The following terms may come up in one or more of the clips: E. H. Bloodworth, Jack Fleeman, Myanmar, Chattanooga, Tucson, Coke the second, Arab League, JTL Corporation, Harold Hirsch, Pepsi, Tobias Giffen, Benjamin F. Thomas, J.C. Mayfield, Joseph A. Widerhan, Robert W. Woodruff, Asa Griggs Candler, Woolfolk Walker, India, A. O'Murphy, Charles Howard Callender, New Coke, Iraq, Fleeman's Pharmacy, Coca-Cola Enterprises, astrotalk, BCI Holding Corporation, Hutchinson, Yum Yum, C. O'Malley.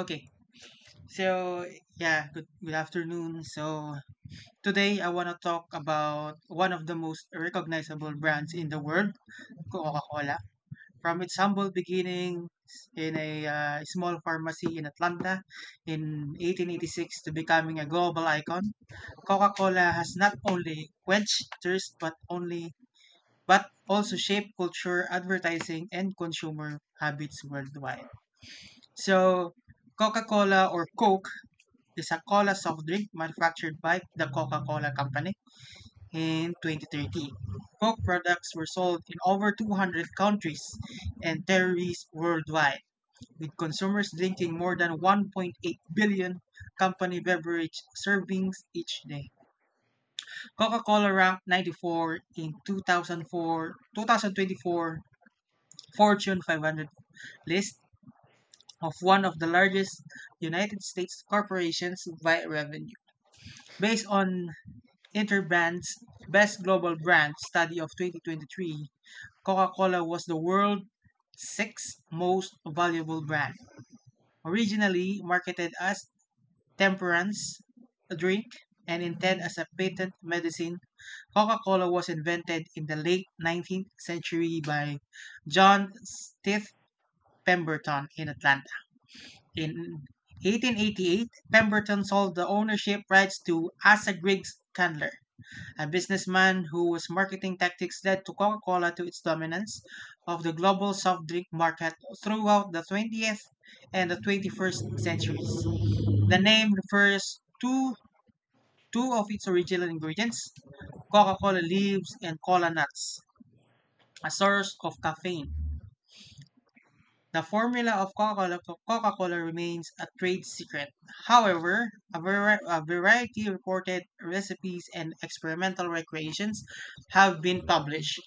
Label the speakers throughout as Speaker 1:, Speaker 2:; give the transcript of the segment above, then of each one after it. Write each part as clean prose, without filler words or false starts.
Speaker 1: Okay, so yeah, good afternoon. So today I want to talk about one of the most recognizable brands in the world, Coca-Cola. From its humble beginnings in a small pharmacy in Atlanta in 1886 to becoming a global icon, Coca-Cola has not only quenched thirst but also shaped culture, advertising, and consumer habits worldwide. So Coca-Cola, or Coke, is a cola soft drink manufactured by the Coca-Cola Company. In 2013, Coke products were sold in over 200 countries and territories worldwide, with consumers drinking more than 1.8 billion company beverage servings each day. Coca-Cola ranked 94 in 2024 Fortune 500 list of one of the largest United States corporations by revenue. Based on Interbrand's Best Global Brand Study of 2023, Coca-Cola was the world's sixth most valuable brand. Originally marketed as temperance drink and intended as a patent medicine, Coca-Cola was invented in the late 19th century by John Stith Pemberton in Atlanta. In 1888, Pemberton sold the ownership rights to Asa Griggs Candler, a businessman whose marketing tactics led to Coca Cola to its dominance of the global soft drink market throughout the 20th and the 21st centuries. The name refers to two of its original ingredients: Coca Cola leaves and cola nuts, a source of caffeine. The formula of Coca-Cola remains a trade secret. However, a variety of reported recipes and experimental recreations have been published.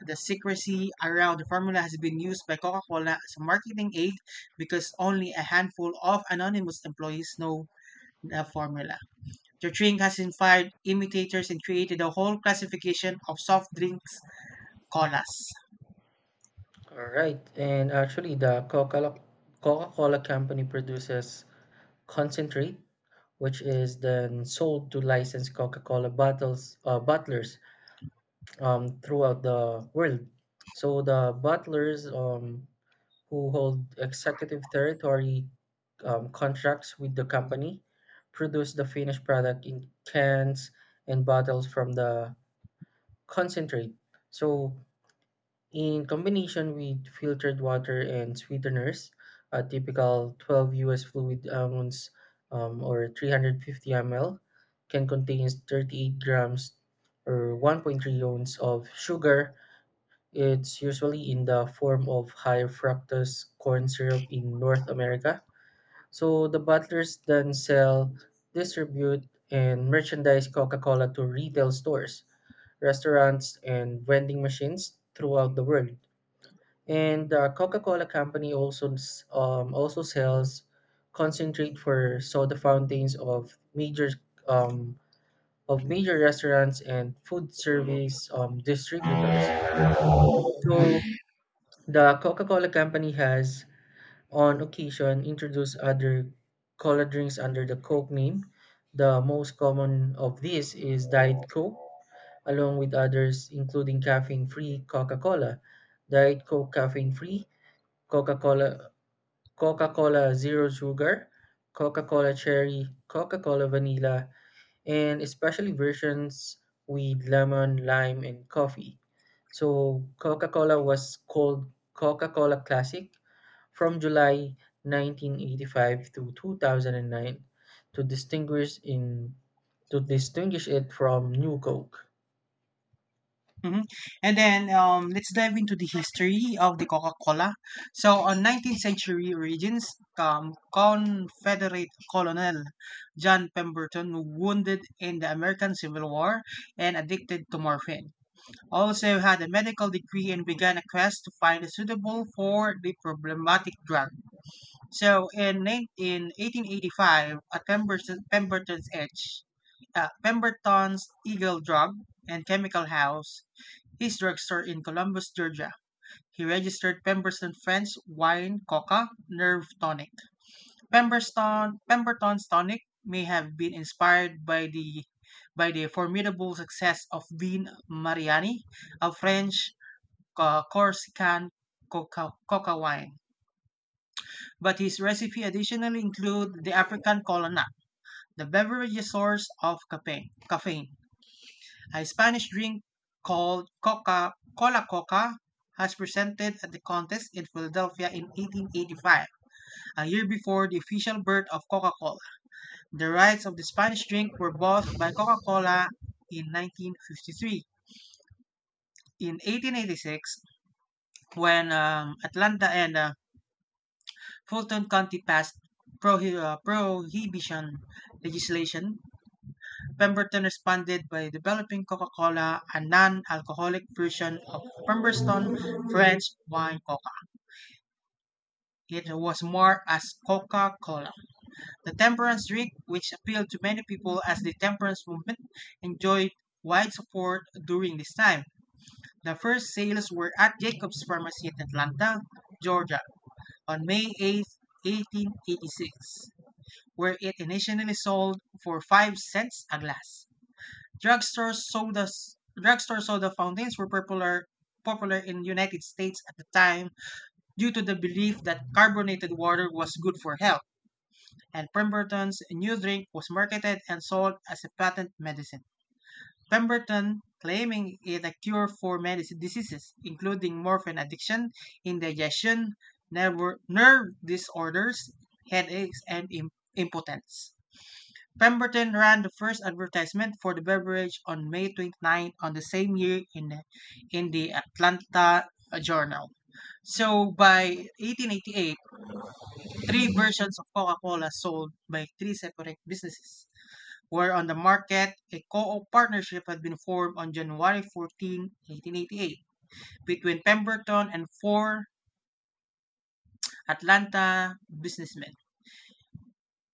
Speaker 1: The secrecy around the formula has been used by Coca-Cola as a marketing aid because only a handful of anonymous employees know the formula. The drink has inspired imitators and created a whole classification of soft drinks: colas.
Speaker 2: All right, and actually, the Coca-Cola company produces concentrate, which is then sold to licensed Coca-Cola bottles bottlers throughout the world. So the bottlers, who hold executive territory contracts with the company, produce the finished product in cans and bottles from the concentrate. So in combination with filtered water and sweeteners, a typical 12 US fluid ounce or 350 ml can contain 38 grams or 1.3 ounce of sugar. It's usually in the form of high fructose corn syrup in North America. So the bottlers then sell, distribute, and merchandise Coca Cola to retail stores, restaurants, and vending machines throughout the world. And the Coca-Cola company also sells concentrate for soda fountains of um, major restaurants and food service distributors. So the Coca-Cola company has on occasion introduced other cola drinks under the Coke name. The most common of these is Diet Coke, along with others including caffeine-free Coca-Cola, Diet Coke caffeine-free, Coca-Cola Coca-Cola Zero Sugar, Coca-Cola Cherry, Coca-Cola Vanilla, and especially versions with lemon, lime, and coffee. So Coca-Cola was called Coca-Cola Classic from July 1985 to 2009 to distinguish in to distinguish it from New Coke.
Speaker 1: Mhm. And then let's dive into the history of the Coca-Cola. So, on 19th century origins, Confederate Colonel John Pemberton, wounded in the American Civil War and addicted to morphine, also had a medical degree and began a quest to find a suitable for the problematic drug. So, in 1885, at Pemberton's Eagle Drug and Chemical House, his drugstore in Columbus, Georgia. He registered Pemberton Friends Wine Coca Nerve Tonic. Pemberton's tonic may have been inspired by the formidable success of Vin Mariani, a French, Corsican coca wine. But his recipe additionally include the African cola nut, the beverage source of caffeine. A Spanish drink called Coca Cola Coca has presented at the contest in Philadelphia in 1885, a year before the official birth of Coca-Cola. The rights of the Spanish drink were bought by Coca-Cola in 1953. In 1886, when Atlanta and Fulton County passed prohibition legislation, Pemberton responded by developing Coca-Cola, a non-alcoholic version of Pemberton French wine Coca. It was marked as Coca-Cola. The temperance drink, which appealed to many people as the temperance movement, enjoyed wide support during this time. The first sales were at Jacobs Pharmacy in Atlanta, Georgia, on May 8, 1886, where it initially sold for 5 cents a glass. Drugstore soda fountains were popular in United States at the time due to the belief that carbonated water was good for health, and Pemberton's new drink was marketed and sold as a patent medicine. Pemberton claiming it a cure for many diseases, including morphine addiction, indigestion, nerve disorders, headaches, and impotence. Pemberton ran the first advertisement for the beverage on May 29 on the same year in the Atlanta Journal. So by 1888, three versions of Coca-Cola sold by three separate businesses were on the market. A co-op partnership had been formed on January 14, 1888 between Pemberton and four Atlanta businessmen.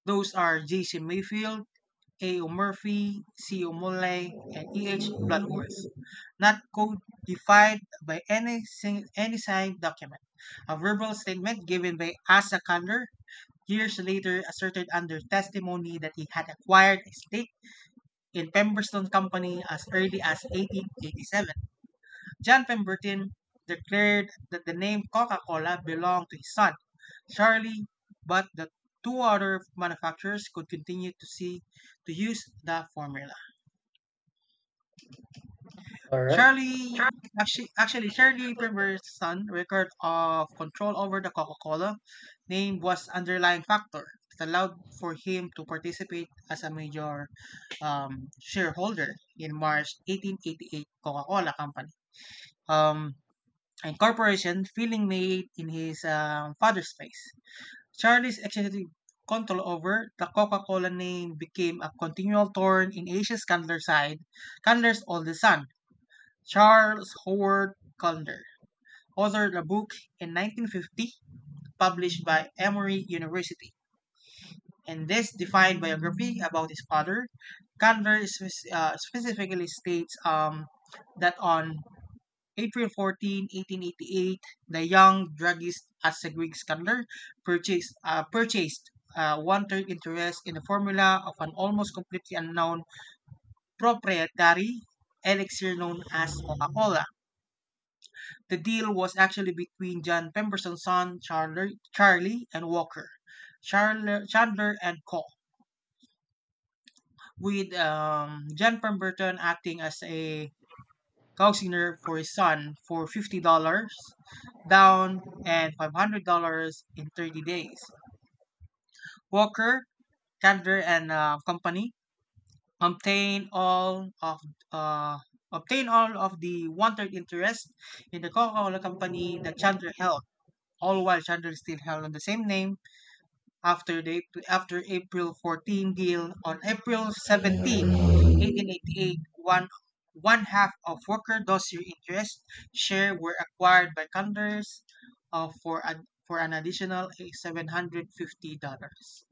Speaker 1: Those are JC. Mayfield, A. O'Murphy, C. O'Malley, and E. H. Bloodworth, not codified by any signed document. A verbal statement given by Asa Kander years later asserted under testimony that he had acquired a stake in Pemberton Company as early as 1887. John Pemberton declared that the name Coca-Cola belonged to his son, Charlie, but the two other manufacturers could continue to use the formula.
Speaker 2: All right.
Speaker 1: Shirley actually, Shirley Primerson record of control over the Coca-Cola name was underlying factor that allowed for him to participate as a major shareholder in March 1888 Coca-Cola company. Um, and corporation feeling made in his father's face. Charlie's executive control over the Coca-Cola name became a continual thorn in Asia's Candler's side. Candler's oldest son, Charles Howard Callender, authored a book in 1950 published by Emory University. In this defined biography about his father, Callender specifically states that on April 14, 1888, the young druggist Asagrig Callender purchased one third interest in the formula of an almost completely unknown proprietary elixir known as Coca Cola. The deal was actually between John Pemberson's son Chandler, Charlie and Walker, Chandler and Co., with John Pemberton acting as a counselor for his son for $50 down and $500 in 30 days. Walker, Chandler and company obtain all of uh, obtain all of the one-third interest in the Coca-Cola company that Chandler held, all while Chandler still held on the same name. After April 14 deal, on April 17, 1888, half of Walker Dossier interest share were acquired by Condors, for an additional $750.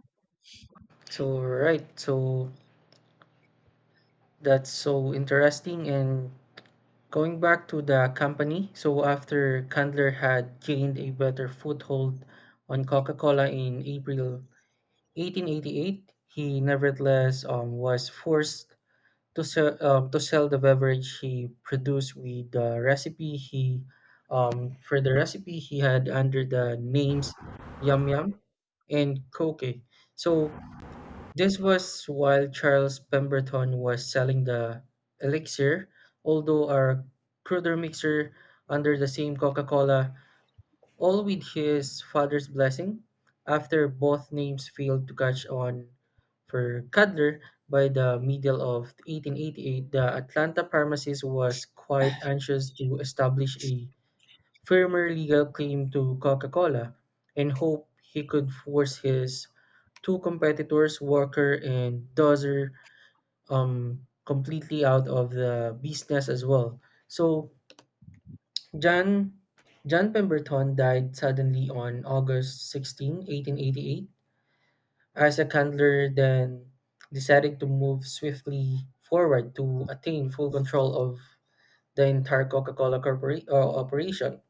Speaker 2: So right. So that's so interesting, and going back to the company, so after Candler had gained a better foothold on Coca Cola in April 1888, he nevertheless was forced to sell the beverage he produced with the recipe he had, under the names Yum Yum and Coke. So this was while Charles Pemberton was selling the elixir, although a cruder mixer under the same Coca Cola, all with his father's blessing. After both names failed to catch on for Cudler by the middle of 1888, the Atlanta pharmacist was quite anxious to establish a firmer legal claim to Coca Cola and hoped he could force his two competitors, Walker and Dozer, completely out of the business as well. So John John Pemberton died suddenly on August 16, 1888. Isaac Handler then decided to move swiftly forward to attain full control of the entire Coca-Cola operation.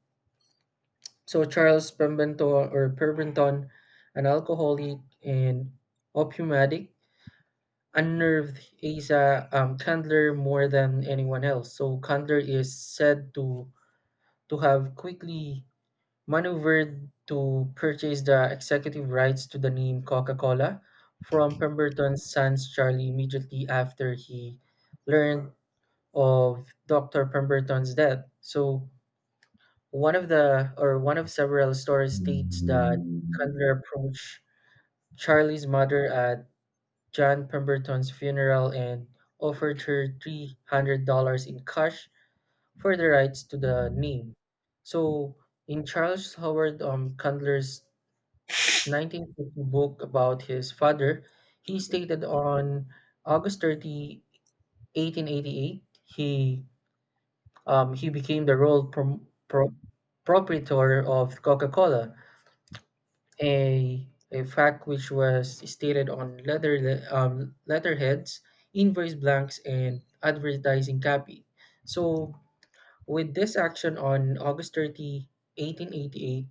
Speaker 2: So Charles Pemberton, or Pemberton, an alcoholic and opium addict, unnerved Asa Candler more than anyone else. So Candler is said to have quickly maneuvered to purchase the executive rights to the name Coca-Cola from Pemberton's sons Charlie immediately after he learned of Dr. Pemberton's death. So one of several stories states that Candler approached Charlie's mother at John Pemberton's funeral and offered her $300 in cash for the rights to the name. So, in Charles Howard Candler's 1950 book about his father, he stated on August 30, 1888, he became the role proprietor of Coca Cola, a, a fact which was stated on leather letterheads, invoice blanks, and advertising copy. So, with this action on August 30, 1888,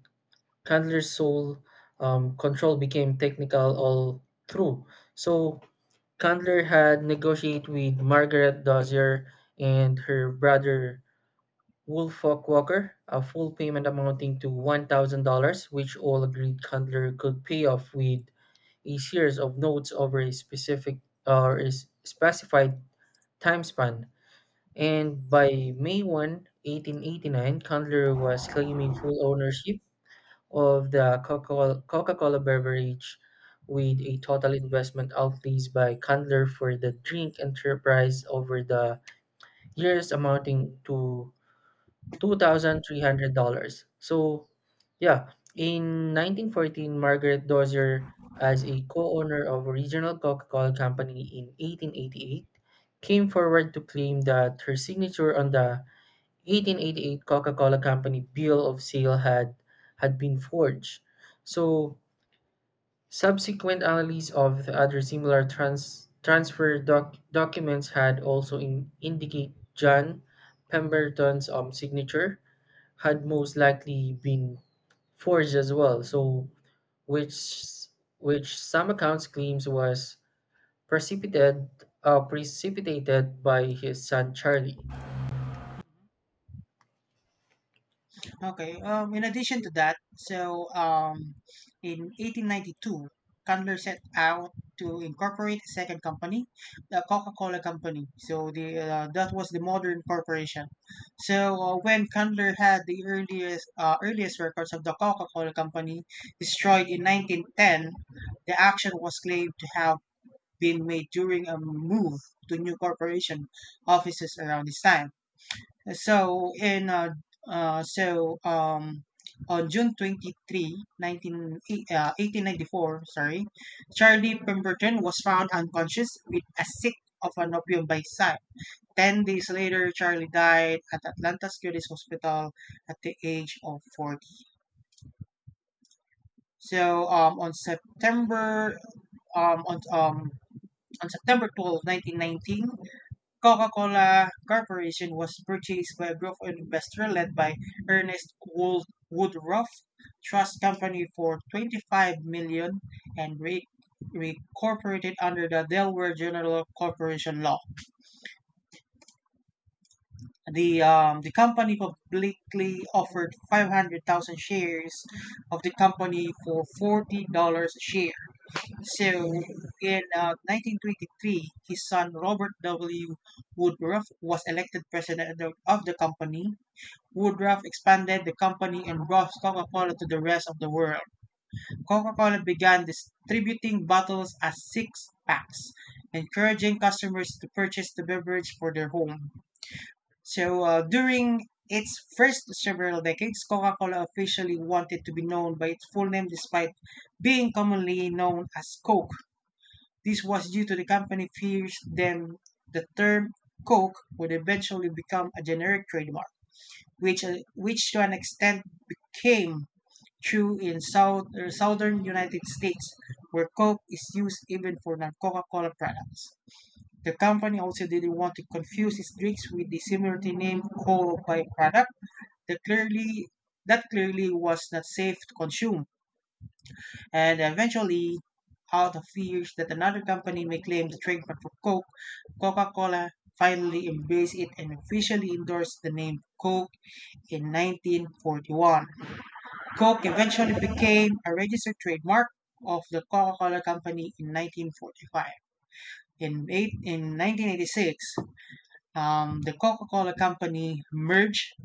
Speaker 2: Candler's sole control became technical all through. So, Candler had negotiated with Margaret Dozier and her brother Woolfolk Walker a full payment amounting to $1,000, which all agreed Candler could pay off with a series of nodes over a specific or a s- specified time span, and by May 1, 1889, Candler was claiming full ownership of the Coca-Cola beverage, with a total investment outlays by Candler for the drink enterprise over the years amounting to $2,300. So, yeah, in 1914, Margaret Dozier, as a co-owner of a regional Coca-Cola company in 1888, came forward to claim that her signature on the 1888 Coca-Cola Company bill of sale had been forged. So, subsequent analysis of the other similar transfer documents had also indicate John Pemberton's signature had most likely been forged as well. So, which which some accounts claims was precipitated precipitated by his son Charlie.
Speaker 1: Okay. In addition to that, so in 1892, Candler set out to incorporate a second company, the Coca-Cola Company. So the that was the modern corporation. So when Candler had the earliest records of the Coca-Cola Company destroyed in 1910, the action was claimed to have been made during a move to new corporation offices around this time. So in so on June 23, 1894, Charlie Pemberton was found unconscious with a stick of an opium by his side. 10 days later, Charlie died at Atlanta's Curis Hospital at the age of 40. So um, on September um, on, um, on September 12 1919, Coca-Cola Corporation was purchased by a group of investors led by Ernest Woodruff Trust Company for $25 million and re- reincorporated under the Delaware General Corporation Law. The company publicly offered 500,000 shares of the company for $40 a share. So in 1923, his son Robert W. Woodruff was elected president of the company. Woodruff expanded the company and brought Coca-Cola to the rest of the world. Coca-Cola began distributing bottles as six packs, encouraging customers to purchase the beverage for their home. So during its first several decades, Coca-Cola officially wanted to be known by its full name despite being commonly known as Coke. This was due to the company fears then the term Coke would eventually become a generic trademark, which to an extent became true in southern United States, where Coke is used even for non Coca Cola products. The company also didn't want to confuse its drinks with the similarly named cola by product that clearly that clearly was not safe to consume, and eventually, out of fears that another company may claim the trademark for Coke, Coca-Cola finally embraced it and officially endorsed the name Coke in 1941. Coke eventually became a registered trademark of the Coca-Cola company in 1945. In 1986, the Coca-Cola Company merged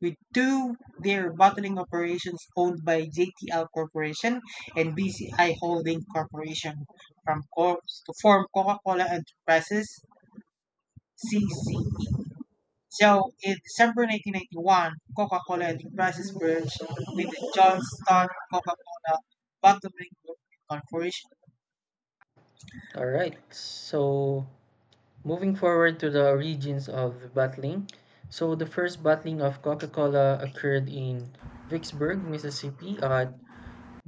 Speaker 1: with two their bottling operations owned by JTL Corporation and BCI Holding Corporation from Corp to form Coca-Cola Enterprises, CCE. So in December 1991, Coca-Cola Enterprises merged with the Johnston Coca-Cola Bottling Corporation.
Speaker 2: All right. So, moving forward to the origins of battling. So the first battling of Coca-Cola occurred in Vicksburg, Mississippi, at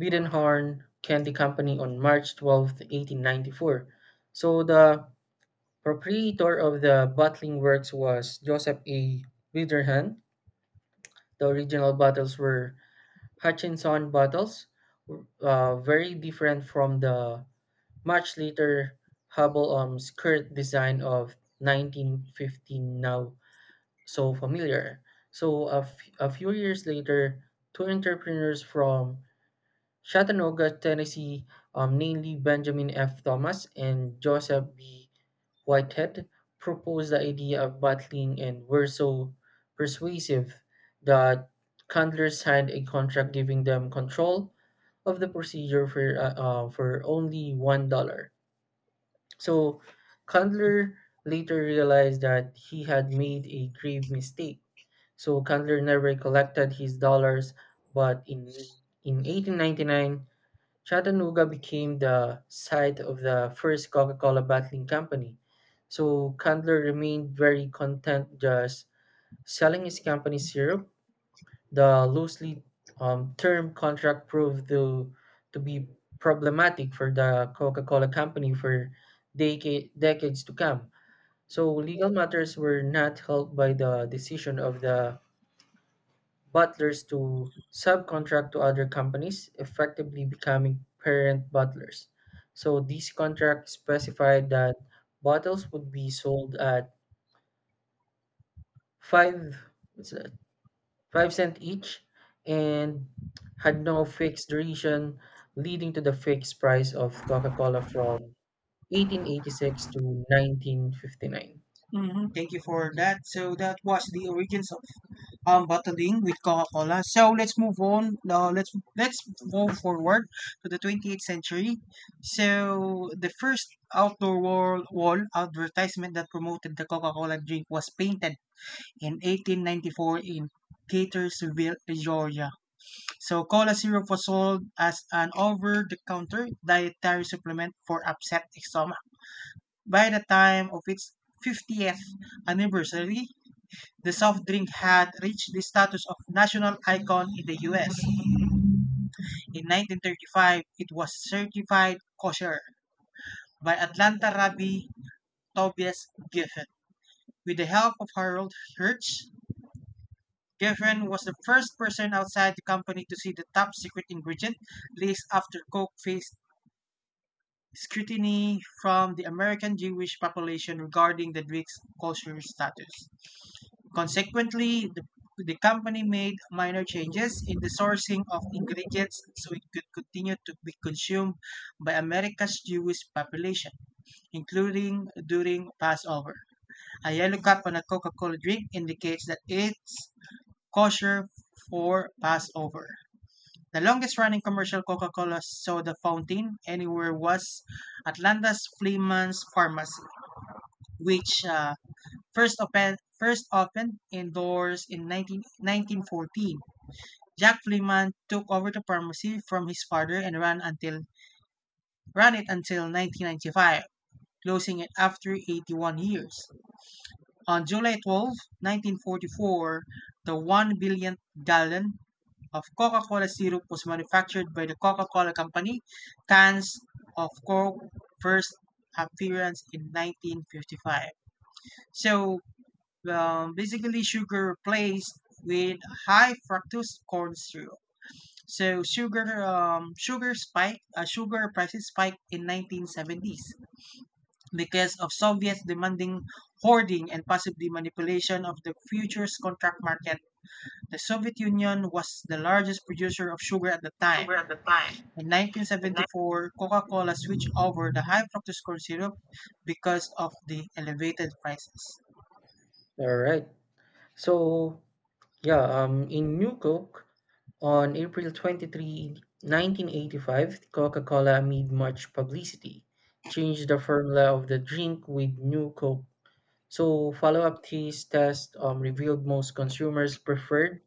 Speaker 2: Biddenhorn Candy Company on March 12th, eighteen 1894. So the proprietor of the bottling works was Joseph A. Widerhan. The original bottles were Hutchinson bottles, very different from the much later Hubble skirt design of 1915, now so familiar. So a few years later, two entrepreneurs from Chattanooga, Tennessee, namely Benjamin F. Thomas and Joseph B. Whitehead, proposed the idea of bottling and were so persuasive that Candler signed a contract giving them control of the procedure for for only $1. So Candler later realized that he had made a grave mistake. So Candler never collected his dollars, but in 1899, Chattanooga became the site of the first Coca Cola bottling company, so Candler remained very content just selling his company syrup. The loosely termed contract proved to be problematic for the Coca Cola company for decades to come. So, legal matters were not helped by the decision of the butlers to subcontract to other companies, effectively becoming parent butlers. So these contracts specified that bottles would be sold at five what's that, 5¢ each, and had no fixed duration, leading to the fixed price of Coca-Cola from 1886 to 1959.
Speaker 1: Mhm. Thank you for that. So that was the origins of bottling with Coca-Cola. So let's move on. Let's move forward to the 28th century. So the first outdoor wall advertisement that promoted the Coca-Cola drink was painted in 1894 in Gaithersville, Georgia. So cola syrup was sold as an over-the-counter dietary supplement for upset stomach. By the time of its 50th anniversary, the soft drink had reached the status of national icon in the US. In 1935, it was certified kosher by Atlanta Rabbi Tobias Giffen. With the help of Harold Hirsch, Giffen was the first person outside the company to see the top secret ingredient list after Coke faced scrutiny from the American Jewish population regarding the drink's kosher status. Consequently, the company made minor changes in the sourcing of ingredients so it could continue to be consumed by America's Jewish population, including during Passover. A yellow cup on a Coca Cola drink indicates that it's kosher for Passover. The longest running commercial Coca Cola soda fountain anywhere was Atlanta's Fleeman's Pharmacy, which first opened indoors in 1914. Jack Fleeman took over the pharmacy from his father and ran it until 1995, closing it after 81 years. On July 12, 1944, the 1 billionth gallon of Coca-Cola syrup was manufactured by the Coca-Cola Company. Cans of Coke first appearance in 1955. So basically sugar placed with high fructose corn syrup. So sugar prices spiked in 1970s because of Soviets demanding hoarding and possibly manipulation of the futures contract market. The Soviet Union was the largest producer of sugar at the time.
Speaker 2: Sugar at the time.
Speaker 1: In
Speaker 2: In nine-
Speaker 1: 1974, Coca-Cola switched over the high fructose corn syrup because of the elevated prices.
Speaker 2: All right. So, yeah, in New Coke, on April 23, 1985, Coca-Cola, amid much publicity, changed the formula of the drink with New Coke. So, follow-up taste test revealed most consumers preferred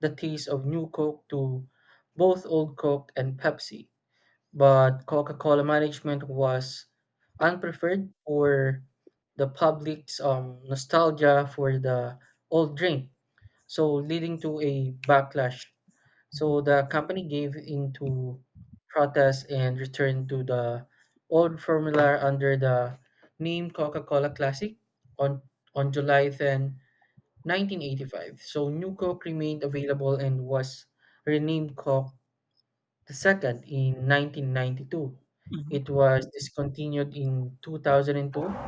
Speaker 2: the taste of New Coke to both Old Coke and Pepsi, but Coca-Cola management was unpreferred for the public's nostalgia for the old drink, so leading to a backlash. So the company gave into protest and returned to the old formula under the name Coca-Cola Classic on on July 10, 1985. So New Coke remained available and was renamed Coke the second in 1992. It
Speaker 1: Mhm.
Speaker 2: was discontinued in 2002.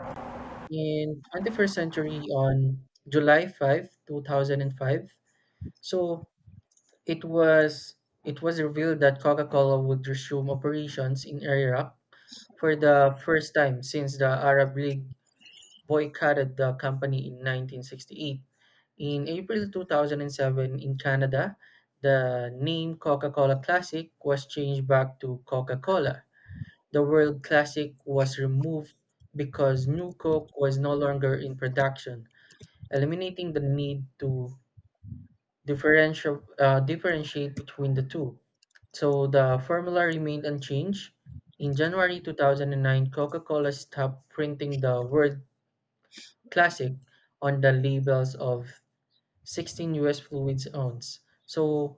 Speaker 2: In 21st century, on July 5th, 2005. So it was it was revealed that Coca-Cola would resume operations in Iraq for the first time since the Arab League boycotted the company in 1968. In April 2007 in Canada, the name Coca-Cola Classic was changed back to Coca-Cola. The World Classic was removed because new Coke was no longer in production, eliminating the need to differentiate between the two. So the formula remained unchanged. In January 2009, Coca Cola stopped printing the word classic on the labels of 16 US fluid ounce. So,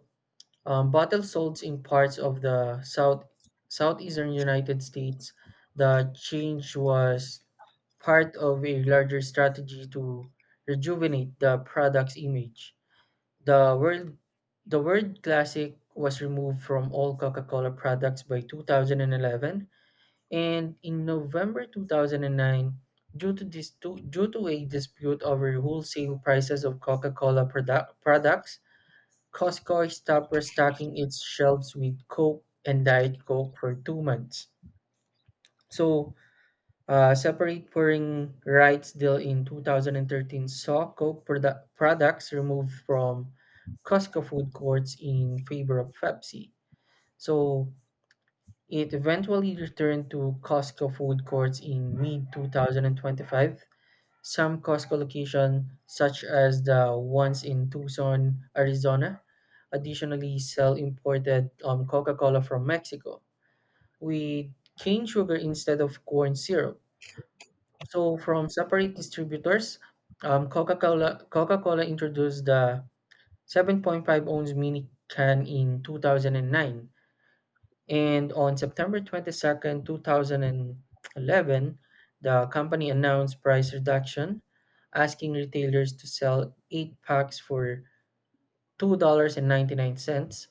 Speaker 2: bottles sold in parts of the South, southeastern United States, the change was part of a larger strategy to rejuvenate the product's image. The word the word classic was removed from all Coca-Cola products by 2011, and in November 2009, due to due to a dispute over wholesale prices of Coca-Cola products, Costco stopped restocking its shelves with Coke and Diet Coke for 2 months. So separate pouring rights deal in 2013 saw Coke products removed from Costco food courts in favor of Pepsi. So it eventually returned to Costco food courts in mid 2025. Some Costco locations, such as the ones in Tucson, Arizona, additionally sell imported Coca Cola from Mexico with cane sugar instead of corn syrup, so from separate distributors. Coca-Cola introduced the 7.5-ounce mini can in 2009, and on September 22nd, 2011, the company announced price reduction, asking retailers to sell eight packs for $2 and 99¢.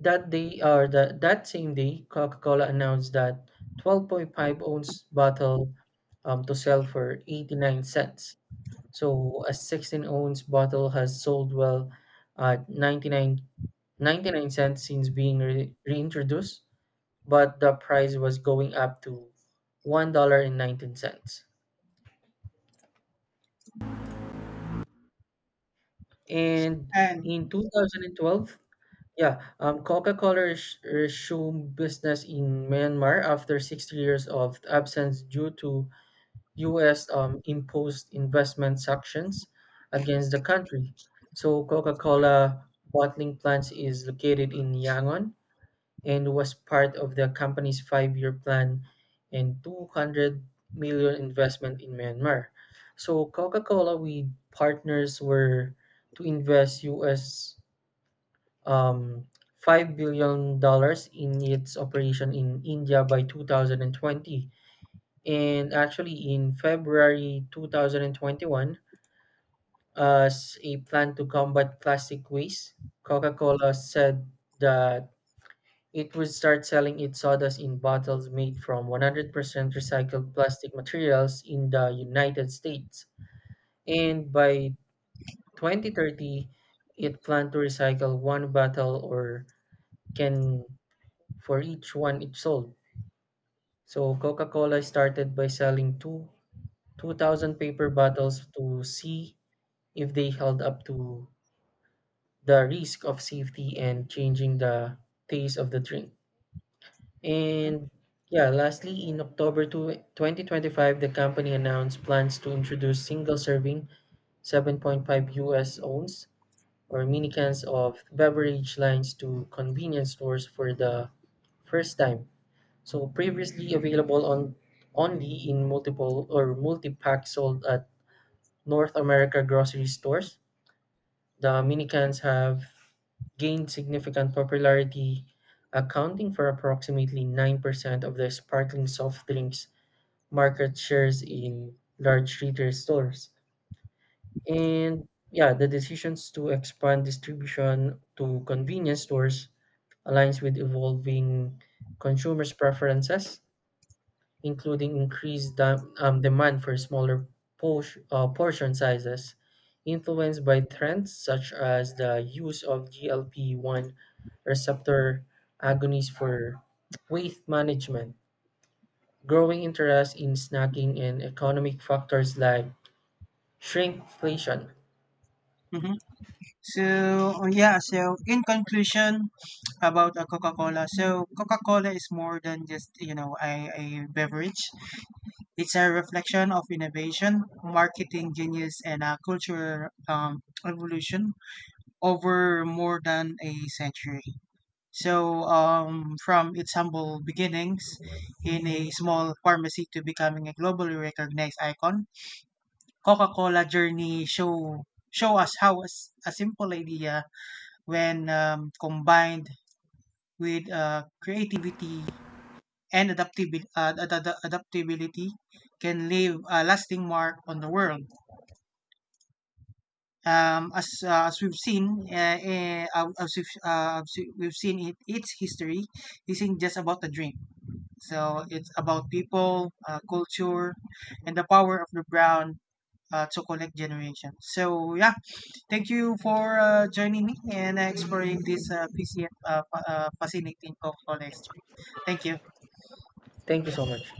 Speaker 2: That day, or the, that same day, Coca-Cola announced that 12.5-ounce bottle to sell for 89¢. So a 16-ounce bottle has sold well at 99 cents since being reintroduced, but the price was going up to $1.19. And 19¢. And
Speaker 1: And
Speaker 2: in 2012, yeah, Coca-Cola resumed business in Myanmar after 60 years of absence due to US imposed investment sanctions against the country. So Coca-Cola bottling plant is located in Yangon and was part of the company's five-year plan and 200 million investment in Myanmar. So Coca-Cola with partners were to invest US um, $5 billion in its operation in India by 2020. And actually, in February 2021, as a plan to combat plastic waste, Coca Cola said that it would start selling its sodas in bottles made from 100% recycled plastic materials in the United States. And by 2030, it planned to recycle one bottle or can for each one it sold. So Coca-Cola started by selling two 2,000 paper bottles to C if they held up to the risk of safety and changing the taste of the drink. And yeah, lastly, in October 2025, the company announced plans to introduce single serving 7.5 US ounce or mini cans of beverage lines to convenience stores for the first time. So previously available on only in multiple or multi-pack sold at North America grocery stores, the Dominicans have gained significant popularity, accounting for approximately 9% of the sparkling soft drinks market shares in large retail stores. And yeah, the decisions to expand distribution to convenience stores aligns with evolving consumers' preferences, including increased demand for smaller portion sizes, influenced by trends such as the use of GLP-1 receptor agonists for weight management, growing interest in snacking, and economic factors like shrinkflation.
Speaker 1: mhm. So, yeah, in conclusion about a Coca-Cola, so Coca-Cola is more than just a beverage. It's a reflection of innovation, marketing genius, and a cultural evolution over more than a century. So from its humble beginnings in a small pharmacy to becoming a globally recognized icon, Coca-Cola journey show us how a simple idea, when combined with creativity and adaptability, can leave a lasting mark on the world. As we've seen it, its history isn't just about a drink. So it's about people, culture, and the power of the brown to collect. So yeah, thank you for joining me and exploring this PCF fascinating complex. Thank you.
Speaker 2: Thank you so much.